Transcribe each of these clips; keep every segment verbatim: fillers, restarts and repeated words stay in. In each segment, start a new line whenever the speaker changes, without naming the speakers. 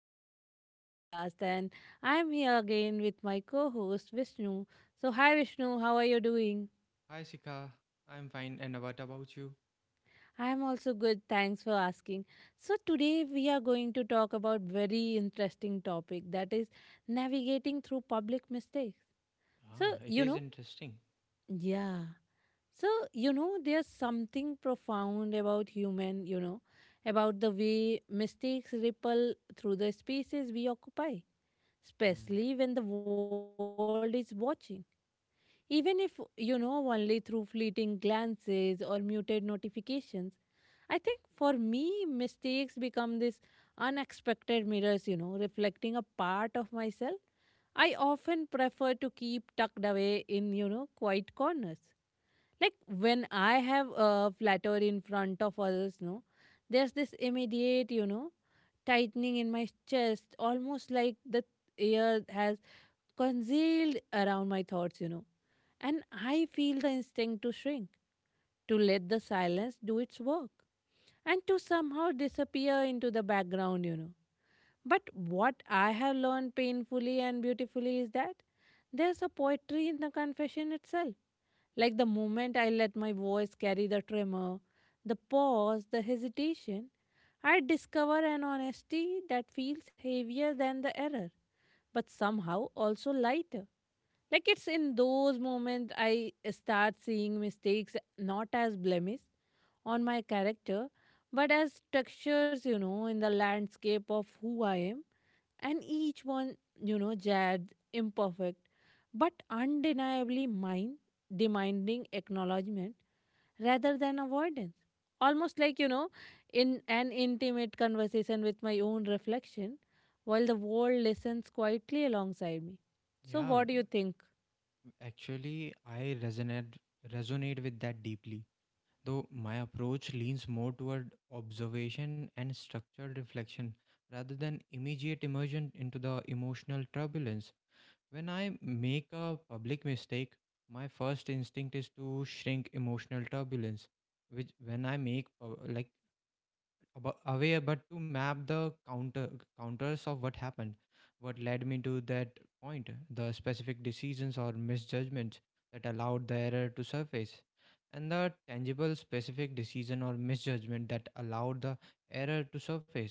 again to my podcast, and I am here again with my co host Vishnu. So, hi Vishnu, how are you doing?
Hi, Sika. I'm fine. And what about you?
I am also good, thanks for asking. So, today we are going to talk about very interesting topic, that is navigating through public mistakes.
Ah,
So,
it
you
is
know,
interesting.
yeah. So, you know, there's something profound about human, you know, about the way mistakes ripple through the spaces we occupy,
Mm.
especially when the world is watching. Even if, you know, only through fleeting glances or muted notifications, I think for me, mistakes become these unexpected mirrors, you know, reflecting a part of myself I often prefer to keep tucked away in, you know, quiet corners. Like when I have a flatter in front of others, no, there's this immediate, you know, tightening in my chest, almost like the air has concealed around my thoughts, you know. And I feel the instinct to shrink, to let the silence do its work, and to somehow disappear into the background, you know. But what I have learned painfully and beautifully is that there's a poetry in the confession itself. Like the moment I let my voice carry the tremor, the pause, the hesitation, I discover an honesty that feels heavier than the error, but somehow also lighter, like it's in those moments I start seeing mistakes not as blemish on my character, but as textures, you know, in the landscape of who I am. And each one, you know, jagged, imperfect, but undeniably mine, demanding acknowledgement rather than avoidance. Almost like, you know, in an intimate conversation with my own reflection, while the world listens quietly alongside me. So,
Yeah, w-
what do you think?
actually, I resonate resonate with that deeply. Though my approach leans more toward observation and structured reflection rather than immediate immersion into the emotional turbulence. When I make a public mistake, my first instinct is to shrink emotional turbulence. Which, when I make uh, like abo- aware, but to map the counter counters of what happened, what led me to that point, the specific decisions or misjudgments that allowed the error to surface, and the tangible specific decision or misjudgment that allowed the error to surface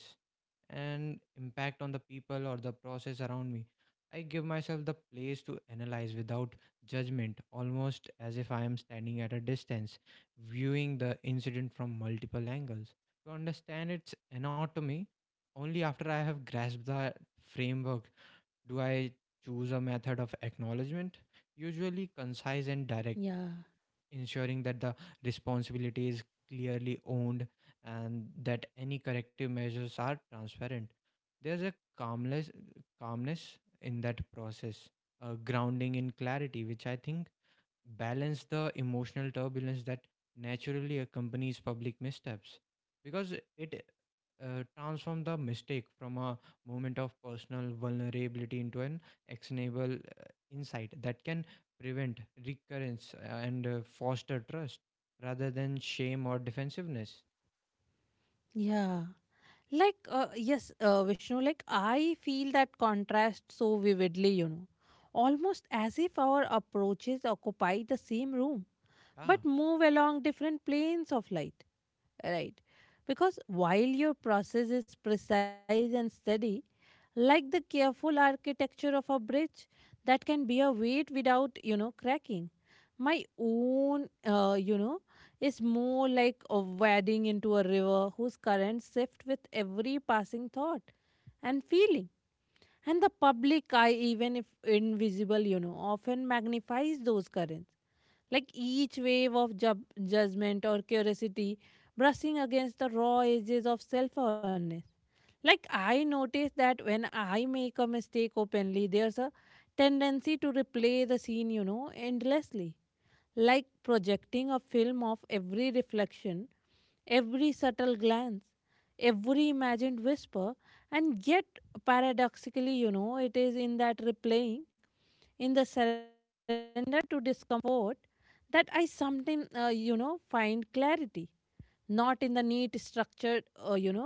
and impact on the people or the process around me. I give myself the place to analyze without judgment, almost as if I am standing at a distance viewing the incident from multiple angles to understand its anatomy. Only after I have grasped the framework do I choose a method of acknowledgement, usually concise and direct,
Yeah.
ensuring that the responsibility is clearly owned and that any corrective measures are transparent. There's a calmness, calmness in that process, a grounding in clarity, which I think balance the emotional turbulence that naturally accompanies public missteps, because it uh, transforms the mistake from a moment of personal vulnerability into an actionable uh, insight that can prevent recurrence uh, and uh, foster trust rather than shame or defensiveness.
Yeah. Like, uh, yes, uh, Vishnu, like I feel that contrast so vividly, you know. Almost as if our approaches occupy the same room,
ah
but move along different planes of light, right? Because while your process is precise and steady, like the careful architecture of a bridge that can bear weight without, you know, cracking. My own, uh, you know is more like a wading into a river whose currents shift with every passing thought and feeling, and the public eye, even if invisible, you know often magnifies those currents, like each wave of ju- judgment or curiosity brushing against the raw edges of self-awareness. Like I notice that when I make a mistake openly, there's a tendency to replay the scene, you know endlessly, like projecting a film of every reflection, every subtle glance, every imagined whisper. And yet, paradoxically, you know, it is in that replaying, in the surrender to discomfort, that I sometimes, uh, you know, find clarity. Not in the neat, structured, uh, you know,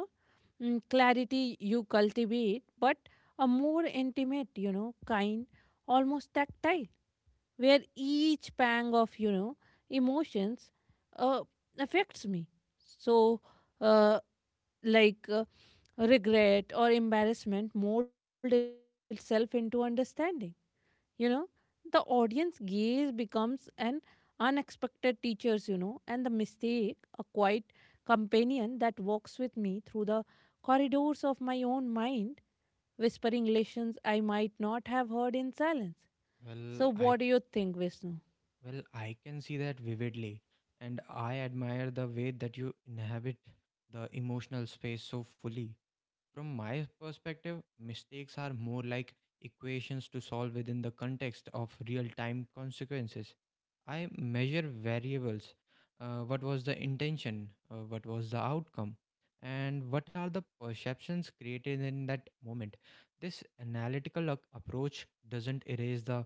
mm, clarity you cultivate, but a more intimate, you know, kind, almost tactile, where each pang of you know emotions uh, affects me. So, uh, like, uh, regret or embarrassment mold itself into understanding. You know the audience gaze becomes an unexpected teachers, you know and the mistake a quiet companion that walks with me through the corridors of my own mind, whispering lessons I might not have heard in silence.
well
So,
i
what do
c-
you think, Vishnu?
well, I can see that vividly, and I admire the way that you inhabit the emotional space so fully. From my perspective, mistakes are more like equations to solve within the context of real time consequences. I measure variables. Uh, what was the intention? Uh, what was the outcome? And what are the perceptions created in that moment? This analytical ac- approach doesn't erase the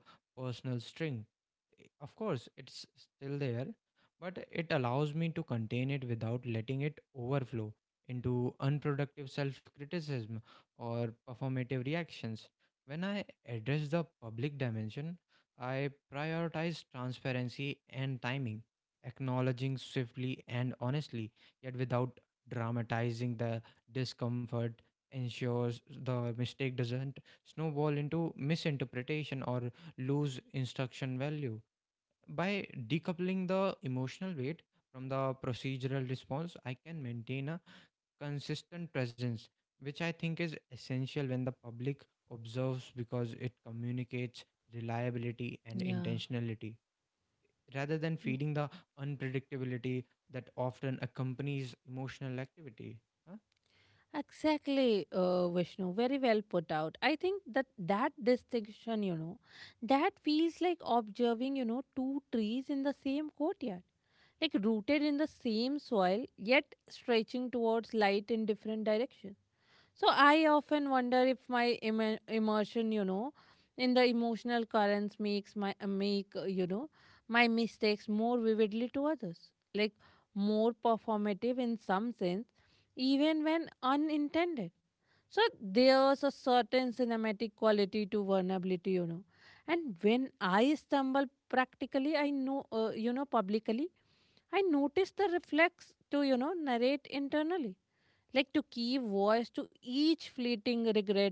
personal string. I- Of course, it's still there, but it allows me to contain it without letting it overflow into unproductive self criticism or performative reactions. When I address the public dimension, I prioritize transparency and timing, acknowledging swiftly and honestly, yet without dramatizing the discomfort, ensures the mistake doesn't snowball into misinterpretation or lose instruction value. By decoupling the emotional weight from the procedural response, I can maintain a consistent presence, which I think is essential when the public observes, because it communicates reliability and
Yeah.
intentionality rather than feeding the unpredictability that often accompanies emotional activity. Huh?
Exactly, uh, Vishnu. Very well put out. I think that that distinction, you know, that feels like observing, you know, two trees in the same courtyard, like rooted in the same soil, yet stretching towards light in different directions. So I often wonder if my Im- immersion, you know, in the emotional currents makes my uh, make uh, you know my mistakes more vividly to others, like more performative in some sense, even when unintended. So there's a certain cinematic quality to vulnerability, you know, and when I stumble practically, I know, uh, you know, publicly I noticed the reflex to, you know, narrate internally, like to give voice to each fleeting regret,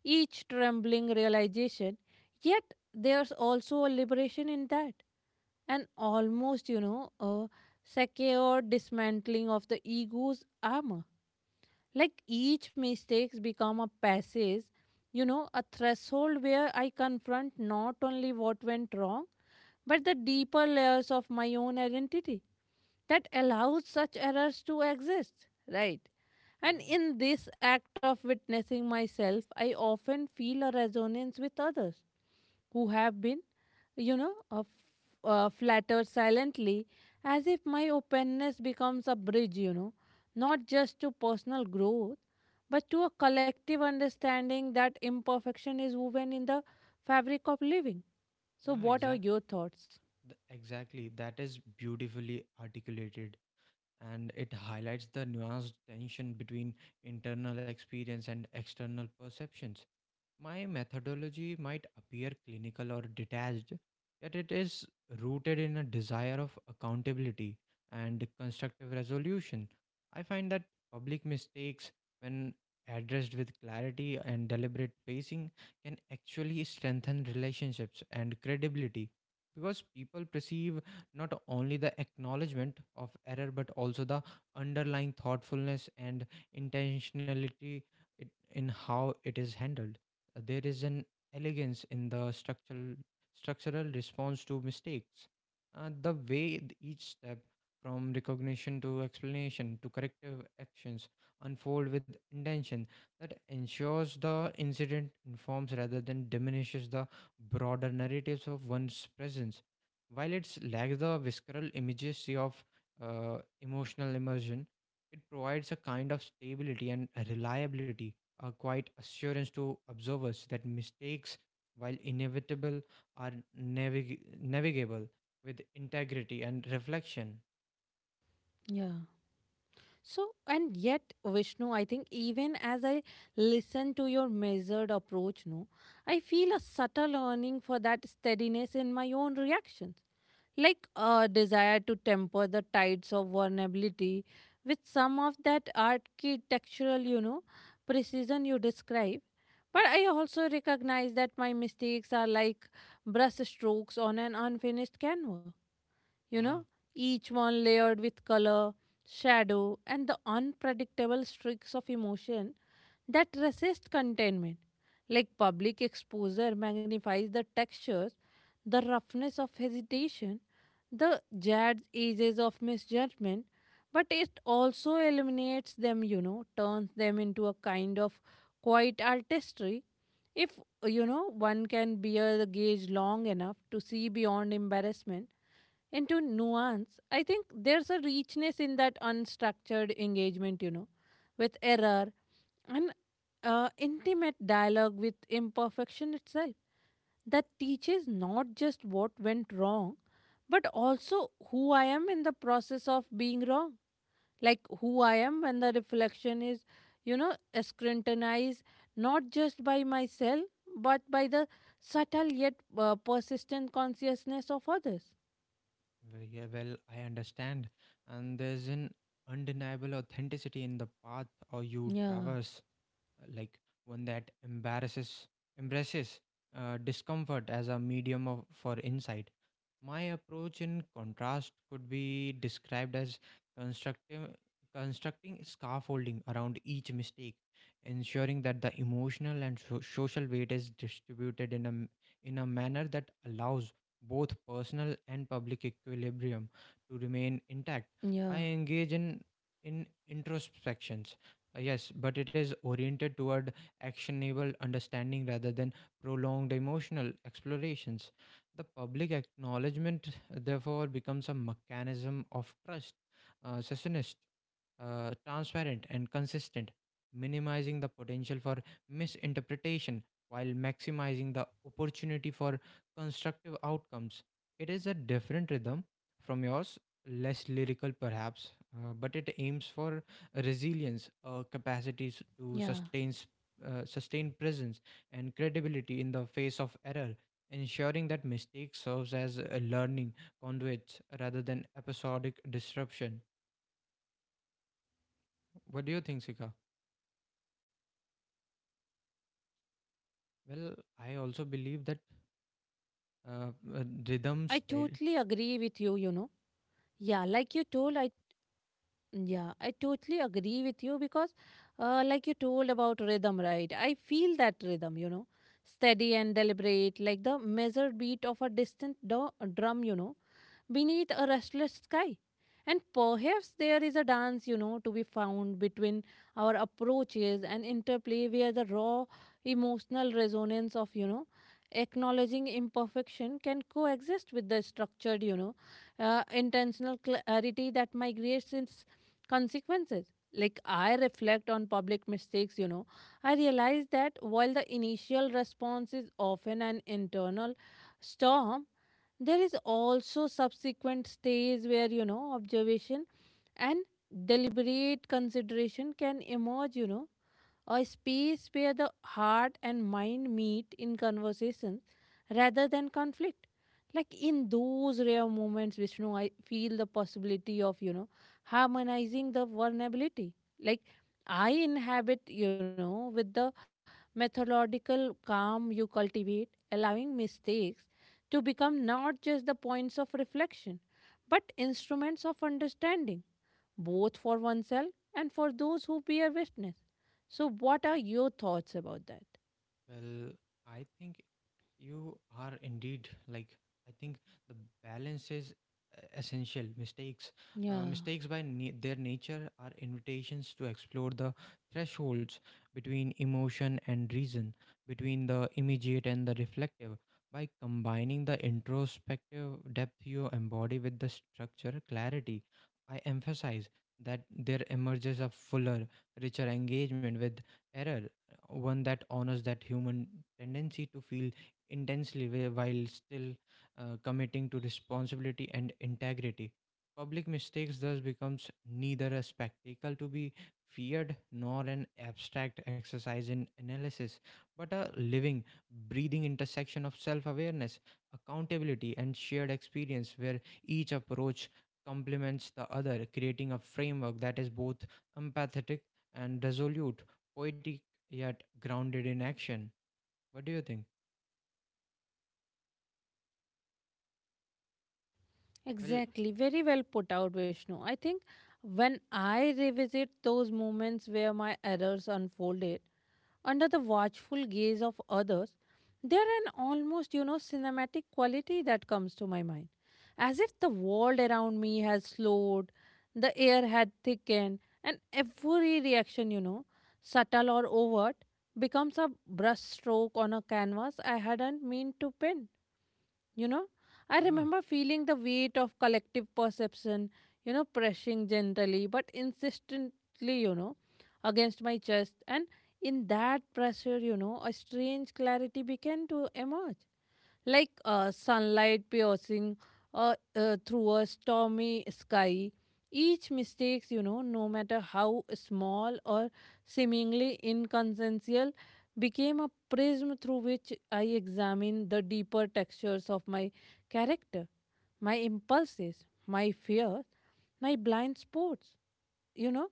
each trembling realization. Yet there's also a liberation in that, an almost, you know, a secure dismantling of the ego's armor. Like each mistakes become a passage, you know, a threshold where I confront not only what went wrong, but the deeper layers of my own identity that allows such errors to exist, right?
Yeah.
And in this act of witnessing myself, I often feel a resonance with others who have been, you know, uh, f- uh, flattered silently, as if my openness becomes a bridge, you know, not just to personal growth, but to a collective understanding that imperfection is woven in the fabric of living. So,
Yeah,
what are
exact.
your thoughts?
th- exactly. That is beautifully articulated, and it highlights the nuanced tension between internal experience and external perceptions. My methodology might appear clinical or detached, yet it is rooted in a desire of accountability and constructive resolution. I find that public mistakes, when addressed with clarity and deliberate pacing, can actually strengthen relationships and credibility, because people perceive not only the acknowledgement of error but also the underlying thoughtfulness and intentionality it- in how it is handled. There is an elegance in the structural structural response to mistakes. Uh, the way th- each step from recognition to explanation to corrective actions unfold with intention that ensures the incident informs rather than diminishes the broader narratives of one's presence. While it lacks the visceral immediacy of uh, emotional immersion, it provides a kind of stability and reliability, a quiet assurance to observers that mistakes, while inevitable, are navig- navigable with integrity and reflection.
Yeah. So, and yet, Vishnu, I think even as I listen to your measured approach, no, I feel a subtle yearning for that steadiness in my own reactions, like a desire to temper the tides of vulnerability with some of that architectural, you know, precision you describe. But I also recognize that my mistakes are like brush strokes on an unfinished canvas you know,
Yeah,
each one layered with color, shadow, and the unpredictable streaks of emotion that resist containment. Like public exposure magnifies the textures, the roughness of hesitation, the jagged edges of misjudgment, but it also eliminates them, you know, turns them into a kind of quiet artistry. If, you know, one can bear the gaze long enough to see beyond embarrassment into nuance, I think there's a richness in that unstructured engagement, you know, with error and uh, intimate dialogue with imperfection itself that teaches not just what went wrong, but also who I am in the process of being wrong. Like who I am when the reflection is, you know, scrutinized not just by myself, but by the subtle yet uh, persistent consciousness of others.
well, yeah, well, I understand. And there's an undeniable authenticity in the path or you
Yeah.
traverse, uh, like one that embarrasses, embraces uh, discomfort as a medium of, for insight. My approach, in contrast, could be described as constructive, constructing scaffolding around each mistake, ensuring that the emotional and so- social weight is distributed in a, m- in a manner that allows both personal and public equilibrium to remain
Yeah,
intact. I engage in, in introspections. uh, Yes, but it is oriented toward actionable understanding rather than prolonged emotional explorations. The public acknowledgement, therefore, becomes a mechanism of trust, uh, succinct, uh, transparent, and consistent, minimizing the potential for misinterpretation while maximizing the opportunity for constructive outcomes. It is a different rhythm from yours, less lyrical perhaps, uh, but it aims for resilience, uh,
yeah.
capacities to sustain, s- uh, sustain presence and credibility in the face of error, ensuring that mistake serves as a learning conduits rather than episodic disruption. What do you think, Sika? Well, I
I
also believe
totally
that
agree with you, you know.
uh, uh,
Yeah,
rhythm,
like you
stead.
told, I, yeah, I totally agree with you because, uh, like you told about rhythm, right? I feel that rhythm, you know, steady and deliberate, like the measured beat of a distant du- drum, you know, beneath a restless sky. And perhaps there is a dance, you know, to be found between our approaches and interplay where the raw emotional resonance of, you know, acknowledging imperfection can coexist with the structured, you know, uh, intentional clarity that migrates its consequences. Like I reflect on public mistakes, you know, I realize that while the initial response is often an internal storm, there is also subsequent stage where you know observation and deliberate consideration can emerge you know a space where the heart and mind meet in conversation rather than conflict. Like in those rare moments, Vishnu, I feel the possibility of, you know, harmonizing the vulnerability. Like I inhabit, you know, with the methodological calm you cultivate, allowing mistakes to become not just the points of reflection, but instruments of understanding both for oneself and for those who bear witness. So, what are your thoughts about that?
Well, I think you are indeed like I think the balance is e- essential. Mistakes, uh,
Yeah.
mistakes by na- their nature are invitations to explore the thresholds between emotion and reason, between the immediate and the reflective. By combining the introspective depth you embody with the structure clarity, I emphasize that there emerges a fuller, richer engagement with error, one that honors that human tendency to feel intensely whi- while still uh, committing to responsibility and integrity. Public mistakes thus becomes neither a spectacle to be feared nor an abstract exercise in analysis, but a living, breathing intersection of self-awareness, accountability, and shared experience, where each approach complements the other, creating a framework that is both empathetic and resolute, poetic yet grounded in action. What do you think? Well,
Exactly. Very well put out, Vishnu. I think when I revisit those moments where my errors unfolded under the watchful gaze of others, there an almost, you know, cinematic quality that comes to my mind. As if the world around me has slowed, the air had thickened, and every reaction, you know, subtle or overt, becomes a brushstroke on a canvas I hadn't meant to paint. You know, I
yeah.
remember feeling the weight of collective perception, you know, pressing gently but insistently, you know, against my chest. And in that pressure, you know, a strange clarity began to emerge, like uh, sunlight piercing uh, uh, through a stormy sky. Each mistakes, you know, no matter how small or seemingly inconsequential, became a prism through which I examine the deeper textures of my character, my impulses, my fears, my blind spots you know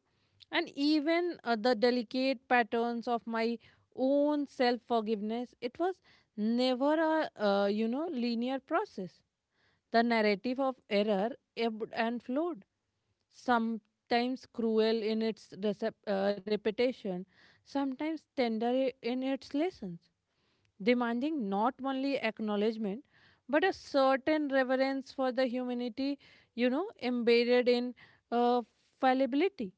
and even uh, the delicate patterns of my own self forgiveness it was never a uh, you know linear process. The narrative of error ebbed and flowed, sometimes cruel in its recep- uh, repetition, sometimes tender i- in its lessons, demanding not only acknowledgement but a certain reverence for the humanity, you know embedded in uh, fallibility.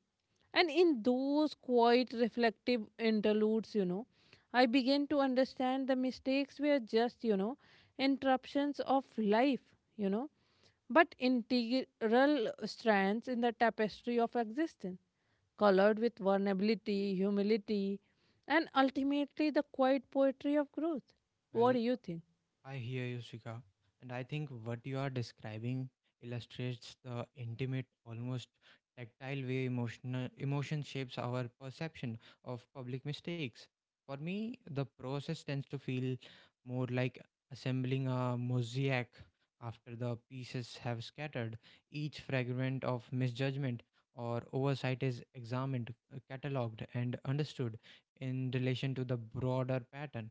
And in those quiet, reflective interludes, you know, I began to understand the mistakes were just, you know, interruptions of life, you know, but integral strands in the tapestry of existence, colored with vulnerability, humility, and ultimately the quiet poetry of growth. What
Well,
do you think?
I hear you, Shika. And I think what you are describing illustrates the intimate, almost tactile way emotional emotion shapes our perception of public mistakes. For me, the process tends to feel more like assembling a mosaic after the pieces have scattered. Each fragment of misjudgment or oversight is examined, uh, catalogued, and understood in relation to the broader pattern.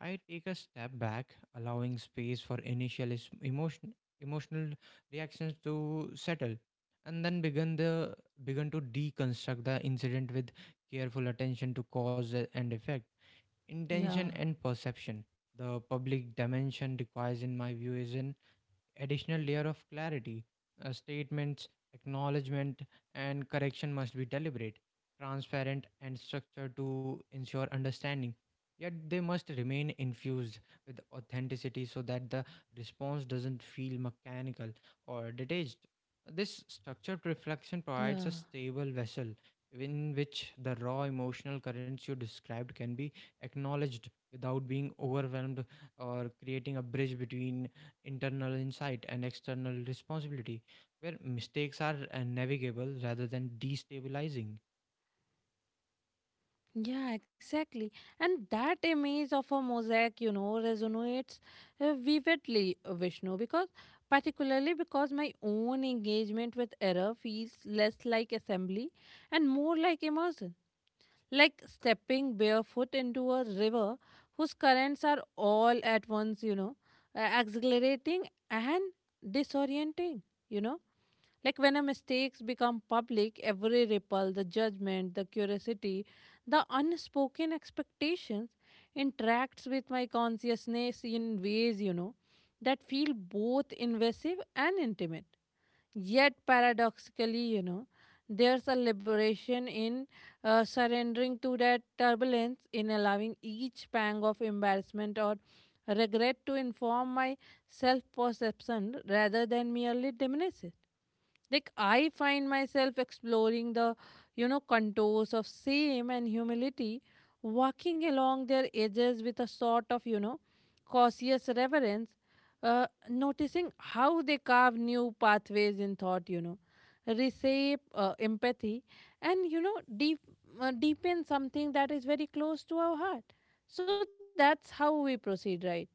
I take a step back, allowing space for initial is- emotion, emotional reactions to settle, and then begin the begin to deconstruct the incident with careful attention to cause a- and effect, intention
Yeah,
and perception. The public dimension requires, in my view, is an additional layer of clarity. Uh, statements, acknowledgement, and correction must be deliberate, transparent, and structured to ensure understanding. Yet they must remain infused with authenticity so that the response doesn't feel mechanical or detached. This structured reflection provides a
yeah.
stable vessel in which the raw emotional currents you described can be acknowledged without being overwhelmed, or creating a bridge between internal insight and external responsibility, where mistakes are uh, navigable rather than destabilizing.
Yeah, exactly. And that image of a mosaic, you know, resonates uh, vividly, uh, Vishnu, because particularly because my own engagement with error feels less like assembly and more like immersion, like stepping barefoot into a river whose currents are all at once, you know, uh, exhilarating and disorienting, you know. Like when a mistakes become public, every ripple, the judgment, the curiosity, the unspoken expectations interacts with my consciousness in ways, you know, that feel both invasive and intimate. Yet, paradoxically, you know, there's a liberation in uh, surrendering to that turbulence, in allowing each pang of embarrassment or regret to inform my self perception rather than merely diminish it. Like I find myself exploring the you know contours of shame and humility, walking along their edges with a sort of you know cautious reverence, uh, noticing how they carve new pathways in thought, you know, reshape uh, empathy, and you know deep uh, deepen something that is very close to our heart. So that's how we proceed, right?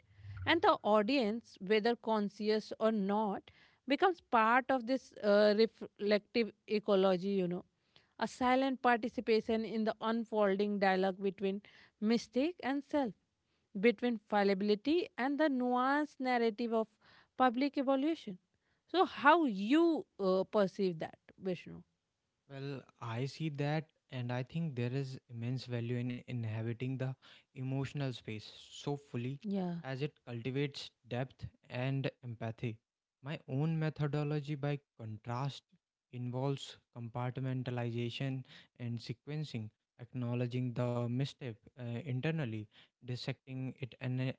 And the audience, whether conscious or not, becomes part of this uh, reflective ecology, you know, a silent participation in the unfolding dialogue between mistake and self, between fallibility and the nuanced narrative of public evolution. So, how you uh, perceive that, Vishnu?
Well, I see that, and I think there is immense value in inhabiting the emotional space so fully,
Yeah,
as it cultivates depth and empathy. My own methodology, by contrast, involves compartmentalization and sequencing, acknowledging the misstep uh, internally, dissecting it ana-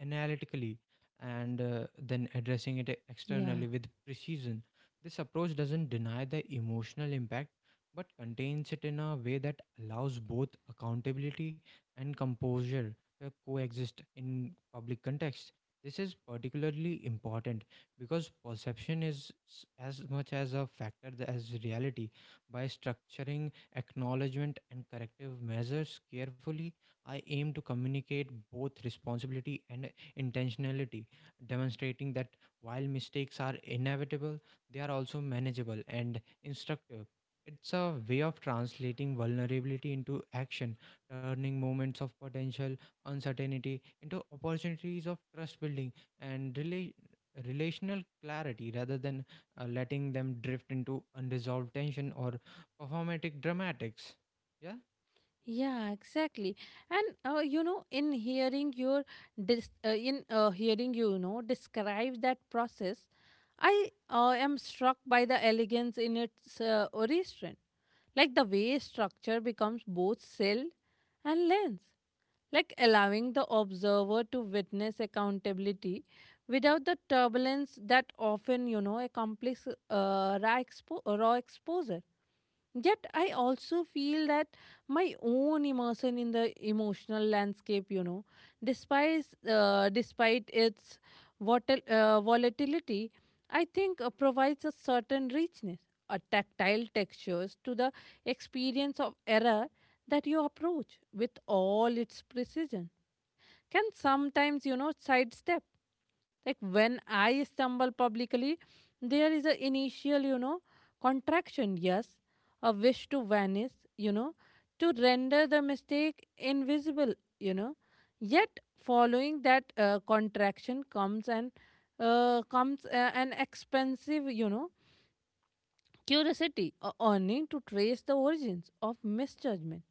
analytically, and uh,
yeah.
then addressing it externally with precision. This approach doesn't deny the emotional impact but contains it in a way that allows both accountability and composure to coexist in public context. This is particularly important because perception is s- as much as a factor th- as reality. By structuring acknowledgement and corrective measures carefully, I aim to communicate both responsibility and intentionality, demonstrating that while mistakes are inevitable, they are also manageable and instructive. It's a way of translating vulnerability into action, turning moments of potential uncertainty into opportunities of trust building and rela- relational clarity rather than uh, letting them drift into unresolved tension or performatic dramatics. Yeah?
Yeah, exactly. And uh, you know, in hearing your dis- uh, in uh, hearing you, you know, describe that process, I uh, am struck by the elegance in its uh, origin, like the way structure becomes both cell and lens, like allowing the observer to witness accountability without the turbulence that often, you know, accompanies uh, raw, expo- raw exposure. Yet, I also feel that my own immersion in the emotional landscape, you know, despite, uh, despite its votil- uh, volatility, I think uh, provides a certain richness, a tactile textures to the experience of error that you approach with all its precision. Can sometimes, you know, sidestep. Like when I stumble publicly, there is a initial, you know, contraction, yes, a wish to vanish, you know, to render the mistake invisible, you know. Yet, following that uh, contraction comes and uh, comes uh, an expensive, you know, curiosity, or yearning to trace the origins of misjudgment,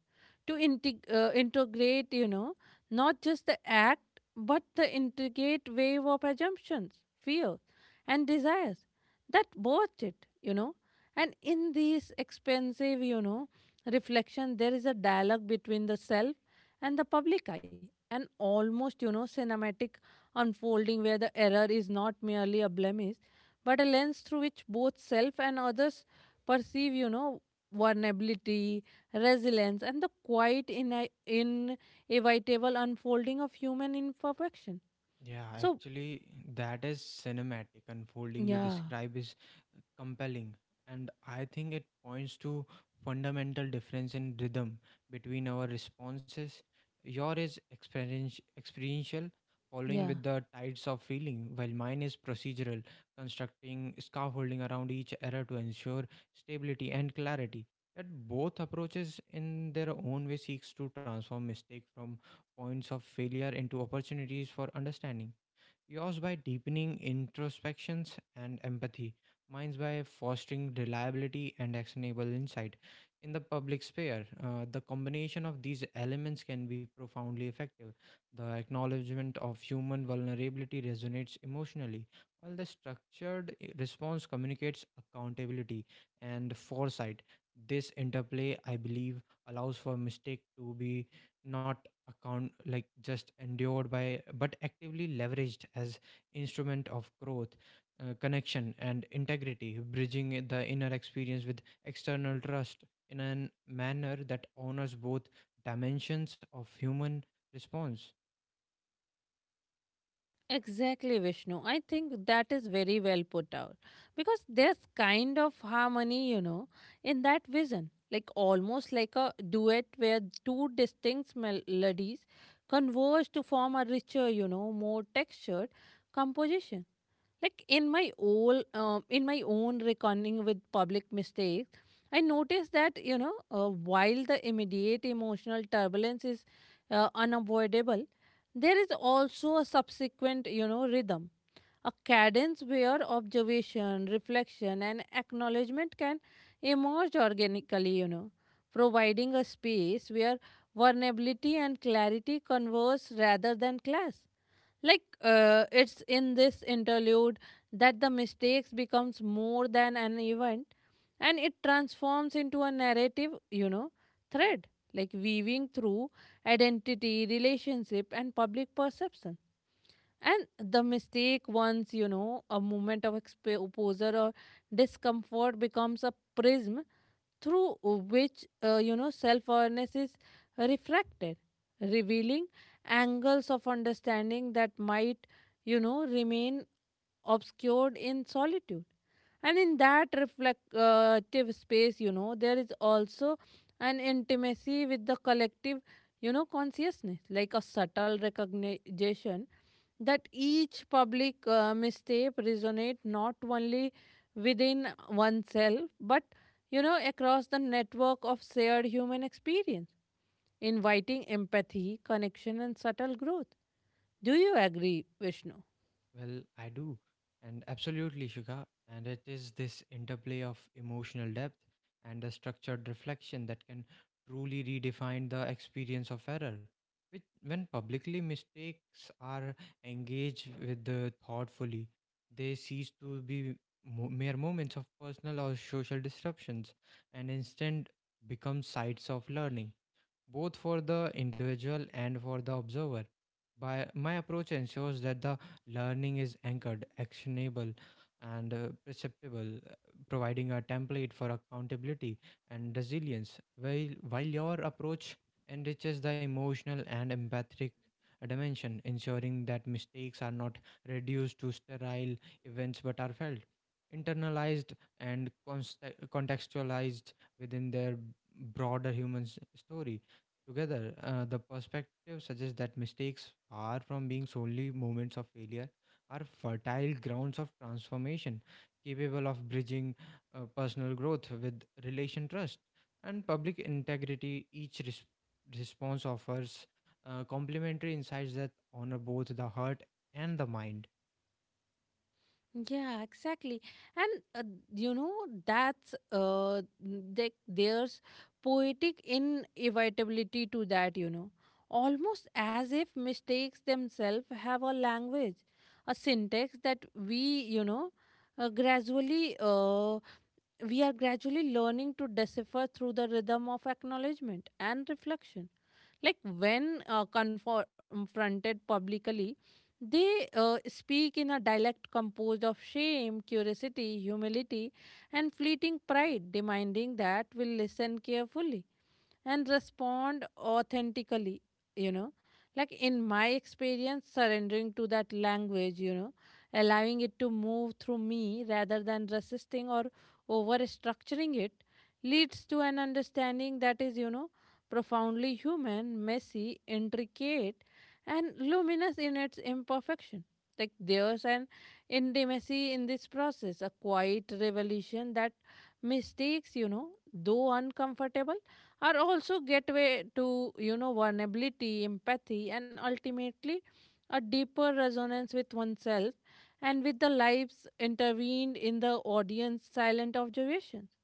to integ- uh, integrate, you know, not just the act, but the intricate wave of assumptions, fears, and desires that birthed it, you know. And in this expensive, you know, reflection, there is a dialogue between the self and the public eye, an almost, you know, cinematic unfolding where the error is not merely a blemish, but a lens through which both self and others perceive, you know, vulnerability, resilience, and the quiet in inevitable unfolding of human imperfection.
Yeah,
So,
actually, that is cinematic unfolding you
yeah,
describe is uh, compelling. And I think it points to fundamental difference in rhythm between our responses. Your is experience, experiential, following
yeah.
with the tides of feeling, while mine is procedural, constructing scaffolding around each error to ensure stability and clarity. Yet both approaches in their own way seeks to transform mistake from points of failure into opportunities for understanding. Yours by deepening introspections and empathy, mine's by fostering reliability and actionable insight. In the public sphere, uh, the combination of these elements can be profoundly effective. The acknowledgement of human vulnerability resonates emotionally, while the structured i- response communicates accountability and foresight. This interplay, I believe, allows for mistake to be not account like just endured by but actively leveraged as instrument of growth, uh, connection and integrity, bridging the inner experience with external trust in a manner that honors both dimensions of human response.
Exactly, Vishnu. I think that is very well put out because there's kind of harmony, you know, in that vision, like almost like a duet where two distinct melodies converge to form a richer, you know, more textured composition. Like in my old, um, in my own reckoning with public mistakes, I noticed that, you know, uh, while the immediate emotional turbulence is uh, unavoidable, there is also a subsequent, you know, rhythm, a cadence where observation, reflection, and acknowledgement can emerge organically, you know, providing a space where vulnerability and clarity converse rather than clash. Like uh, it's in this interlude that the mistakes becomes more than an event, and it transforms into a narrative, you know, thread, like weaving through identity, relationship, and public perception. And the mistake, once, you know, a moment of exposure or discomfort, becomes a prism through which, uh, you know, self awareness is refracted, revealing angles of understanding that might, you know, remain obscured in solitude. And in that reflective space, you know, there is also an intimacy with the collective, you know, consciousness, like a subtle recognition that each public uh, mistake resonate not only within oneself but, you know, across the network of shared human experience, inviting empathy, connection, and subtle growth. Do you agree, Vishnu?
Well, I do. And absolutely, Shika. And it is this interplay of emotional depth and a structured reflection that can truly redefine the experience of error. Which, when publicly mistakes are engaged with the thoughtfully, they cease to be mo- mere moments of personal or social disruptions, and instead become sites of learning, both for the individual and for the observer. By my approach ensures that the learning is anchored, actionable, and uh, perceptible, uh, providing a template for accountability and resilience. While, while your approach enriches the emotional and empathic uh, dimension, ensuring that mistakes are not reduced to sterile events but are felt, internalized, and const- contextualized within their broader human s- story. Together, uh, the perspective suggests that mistakes, far from being solely moments of failure, are fertile grounds of transformation, capable of bridging uh, personal growth with relation trust and public integrity. Each res- response offers uh, complementary insights that honor both the heart and the mind.
Yeah, exactly. And, uh, you know, that's uh, th- there's poetic inevitability to that, you know, almost as if mistakes themselves have a language, a syntax that we, you know, uh, gradually uh, we are gradually learning to decipher through the rhythm of acknowledgement and reflection. Like when uh, confronted publicly, they uh, speak in a dialect composed of shame, curiosity, humility, and fleeting pride, demanding that we listen carefully and respond authentically, you know. Like in my experience, surrendering to that language, you know, allowing it to move through me rather than resisting or over structuring it, leads to an understanding that is, you know, profoundly human, messy, intricate, and luminous in its imperfection. Like there's an intimacy in this process, a quiet revolution, that mistakes, you know, though uncomfortable, are also gateway to, you know, vulnerability, empathy, and ultimately a deeper resonance with oneself and with the lives intervened in the audience silent observations.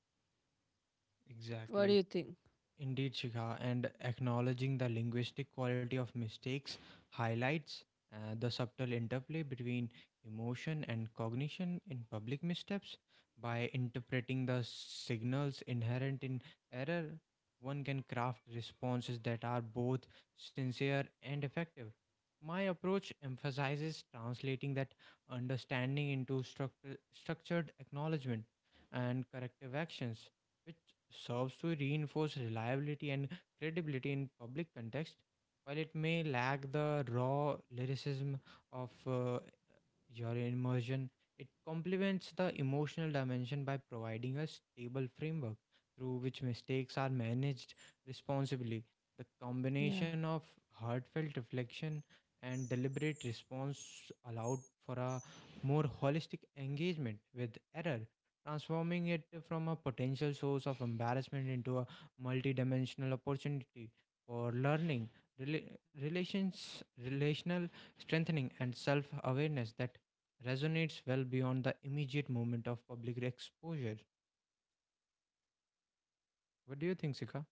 What do
Exactly.
you think?
Indeed, Shikha, and acknowledging the linguistic quality of mistakes highlights uh, the subtle interplay between emotion and cognition in public missteps. By interpreting the signals inherent in error, one can craft responses that are both sincere and effective. My approach emphasizes translating that understanding into structure, structured acknowledgement and corrective actions serves to reinforce reliability and credibility in public context, while it may lack the raw lyricism of uh, your immersion it complements the emotional dimension by providing a stable framework through which mistakes are managed responsibly. The combination of
Yeah,
heartfelt reflection and deliberate response allowed for a more holistic engagement with error, transforming it from a potential source of embarrassment into a multidimensional opportunity for learning, rela- relations, relational strengthening and self awareness that resonates well beyond the immediate moment of public exposure. What do you think, Sika?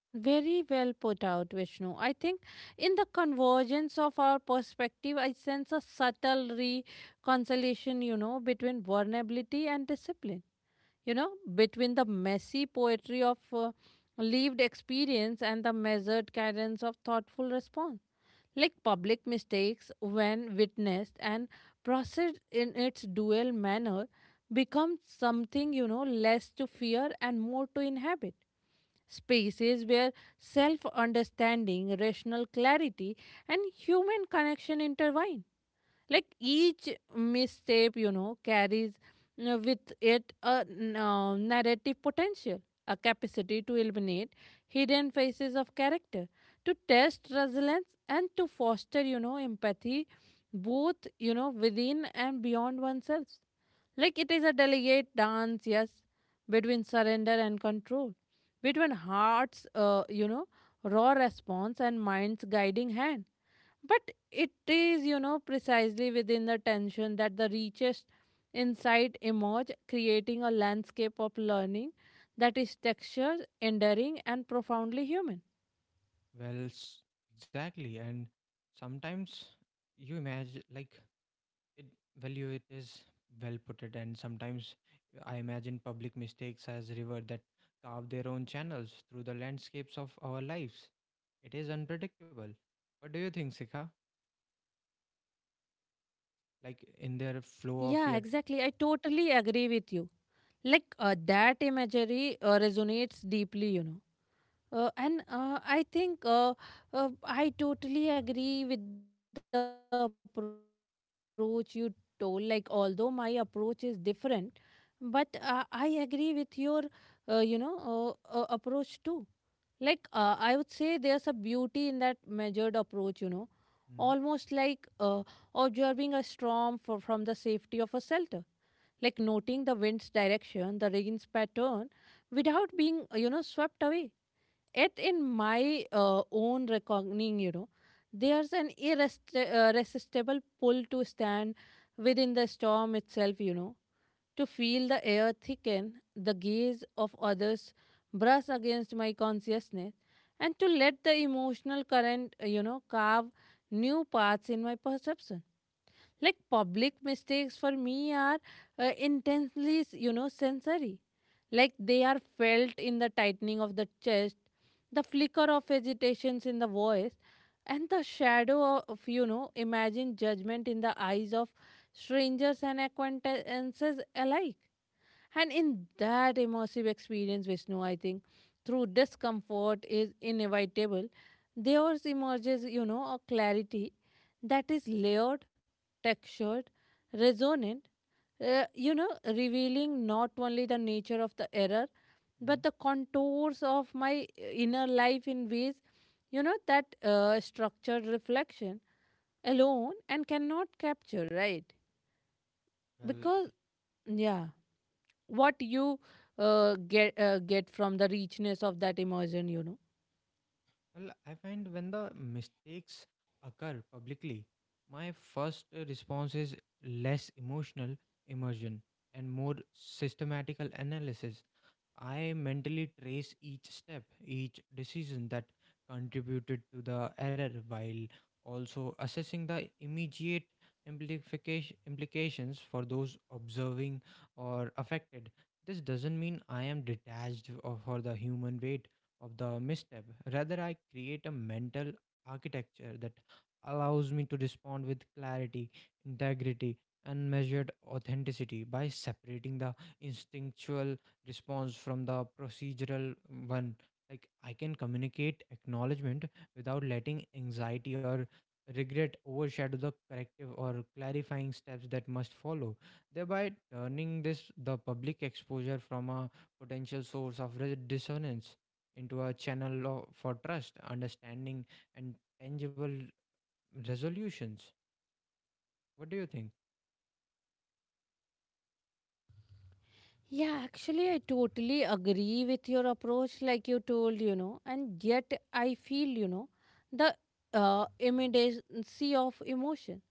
very well put out, Vishnu. I think in the convergence of our perspective, I sense a subtle reconciliation, you know, between vulnerability and discipline. You know, between the messy poetry of uh, lived experience and the measured cadence of thoughtful response. Like public mistakes, when witnessed and processed in its dual manner, become something, you know, less to fear and more to inhabit, spaces where self understanding, rational clarity, and human connection intertwine. Like each misstep, you know, carries uh, with it a n- uh, narrative potential, a capacity to illuminate hidden faces of character, to test resilience, and to foster, you know, empathy, both, you know, within and beyond oneself. Like it is a delicate dance, yes, between surrender and control, between heart's, uh, you know, raw response and mind's guiding hand. But it is, you know, precisely within the tension that the richest insight emerge, creating a landscape of learning that is textured, enduring, and profoundly human.
Well, s- exactly. And sometimes you imagine, like, it value it is well put it and sometimes I imagine public mistakes as river that carve their own channels through the landscapes of our lives. It is unpredictable. What do you think, Sika? Like in their
Yeah,
flow of
exactly. I
yet.
totally agree with you. Like uh, that imagery uh, resonates deeply, you know. Uh, and uh, I think uh, uh, I totally agree with the approach you told. Like, although my approach is different, but uh, I agree with your, uh, you know, uh, uh, approach too. Like, uh, I would say there's a beauty in that measured approach, you know, almost like uh,
mm,
observing a storm for, from the safety of a shelter, like noting the wind's direction, the rain's pattern, without being, uh, you know, swept away. Yet, in my uh, own reckoning, you know, there's an irresti- uh, irresistible pull to stand within the storm itself, you know, to feel the air thicken, the gaze of others brush against my consciousness, and to let the emotional current, uh, you know, carve new paths in my perception. Like public mistakes for me are uh, intensely, you know, sensory. Like they are felt in the tightening of the chest, the flicker of agitations in the voice, and the shadow of, you know, imagined judgment in the eyes of strangers and acquaintances alike. And in that immersive experience, Vishnu, I think through discomfort is inevitable, there emerges, you know, a clarity that is layered, textured, resonant, uh, you know, revealing not only the nature of the error, but
mm,
the contours of my inner life in ways, you know, that uh, structured reflection alone and cannot capture, right?
well it,
Because, yeah, what you uh, get uh, get from the richness of that immersion, you know.
Well, I find when the mistakes occur publicly, my first uh, response is less emotional immersion and more systematical analysis. I mentally trace each step, each decision that contributed to the error while also assessing the immediate implication, implications for those observing or affected. This doesn't mean I am detached of- for the human weight of the misstep. Rather, I create a mental architecture that allows me to respond with clarity, integrity, and measured authenticity by separating the instinctual response from the procedural one. Like I can communicate acknowledgement without letting anxiety or regret overshadow the corrective or clarifying steps that must follow, thereby turning this the public exposure from a potential source of re- dissonance into a channel of, for trust, understanding, and tangible resolutions. What do you think?
Yeah, actually, I totally agree with your approach, like you told, you know, and yet I feel, you know, the uh, immediacy of emotion,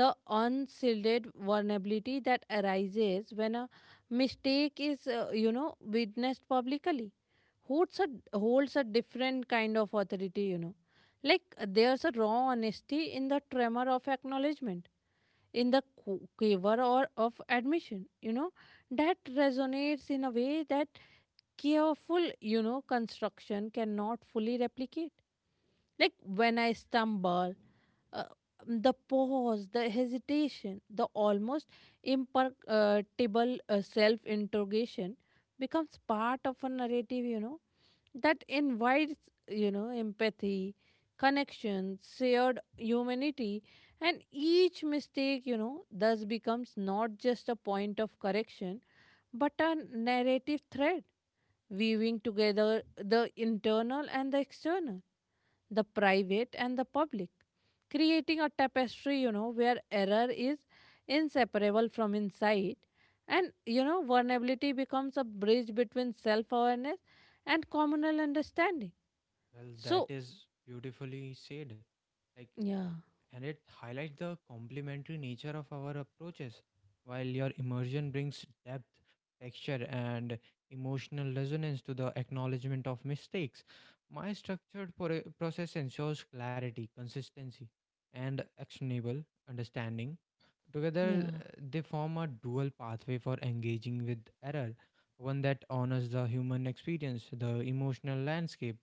the unshielded vulnerability that arises when a mistake is, uh, you know, witnessed publicly, holds a holds a different kind of authority, you know. Like uh, there's a raw honesty in the tremor of acknowledgement, in the qu- quaver or of admission, you know, that resonates in a way that careful, you know, construction cannot fully replicate. Like when I stumble, uh, the pause, the hesitation, the almost imperceptible uh, self interrogation becomes part of a narrative, you know, that invites, you know, empathy, connection, shared humanity. And each mistake, you know, thus becomes not just a point of correction, but a narrative thread weaving together the internal and the external, the private and the public, creating a tapestry, you know, where error is inseparable from insight. And, you know, vulnerability becomes a bridge between self awareness and communal understanding.
Well, that
So,
is beautifully said. Like
yeah,
and it highlights the complementary nature of our approaches. While your immersion brings depth, texture, and emotional resonance to the acknowledgement of mistakes, my structured pro- process ensures clarity, consistency, and actionable understanding.
yeah,
Together, uh, they form a dual pathway for engaging with error, one that honors the human experience, the emotional landscape,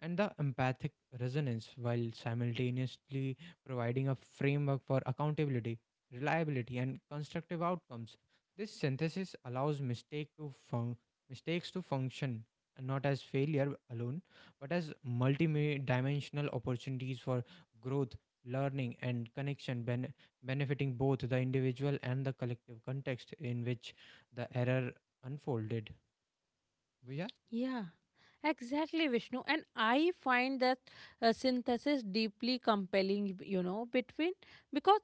and the empathic resonance, while simultaneously providing a framework for accountability, reliability, and constructive outcomes. This synthesis allows mistake to fun- mistakes to function not as failure alone, but as multi-dimensional opportunities for growth, learning, and connection, benefiting both the individual and the collective context in which the error unfolded. Well, Yeah,
yeah. Exactly, Vishnu. And I find that uh, synthesis deeply compelling, you know, between because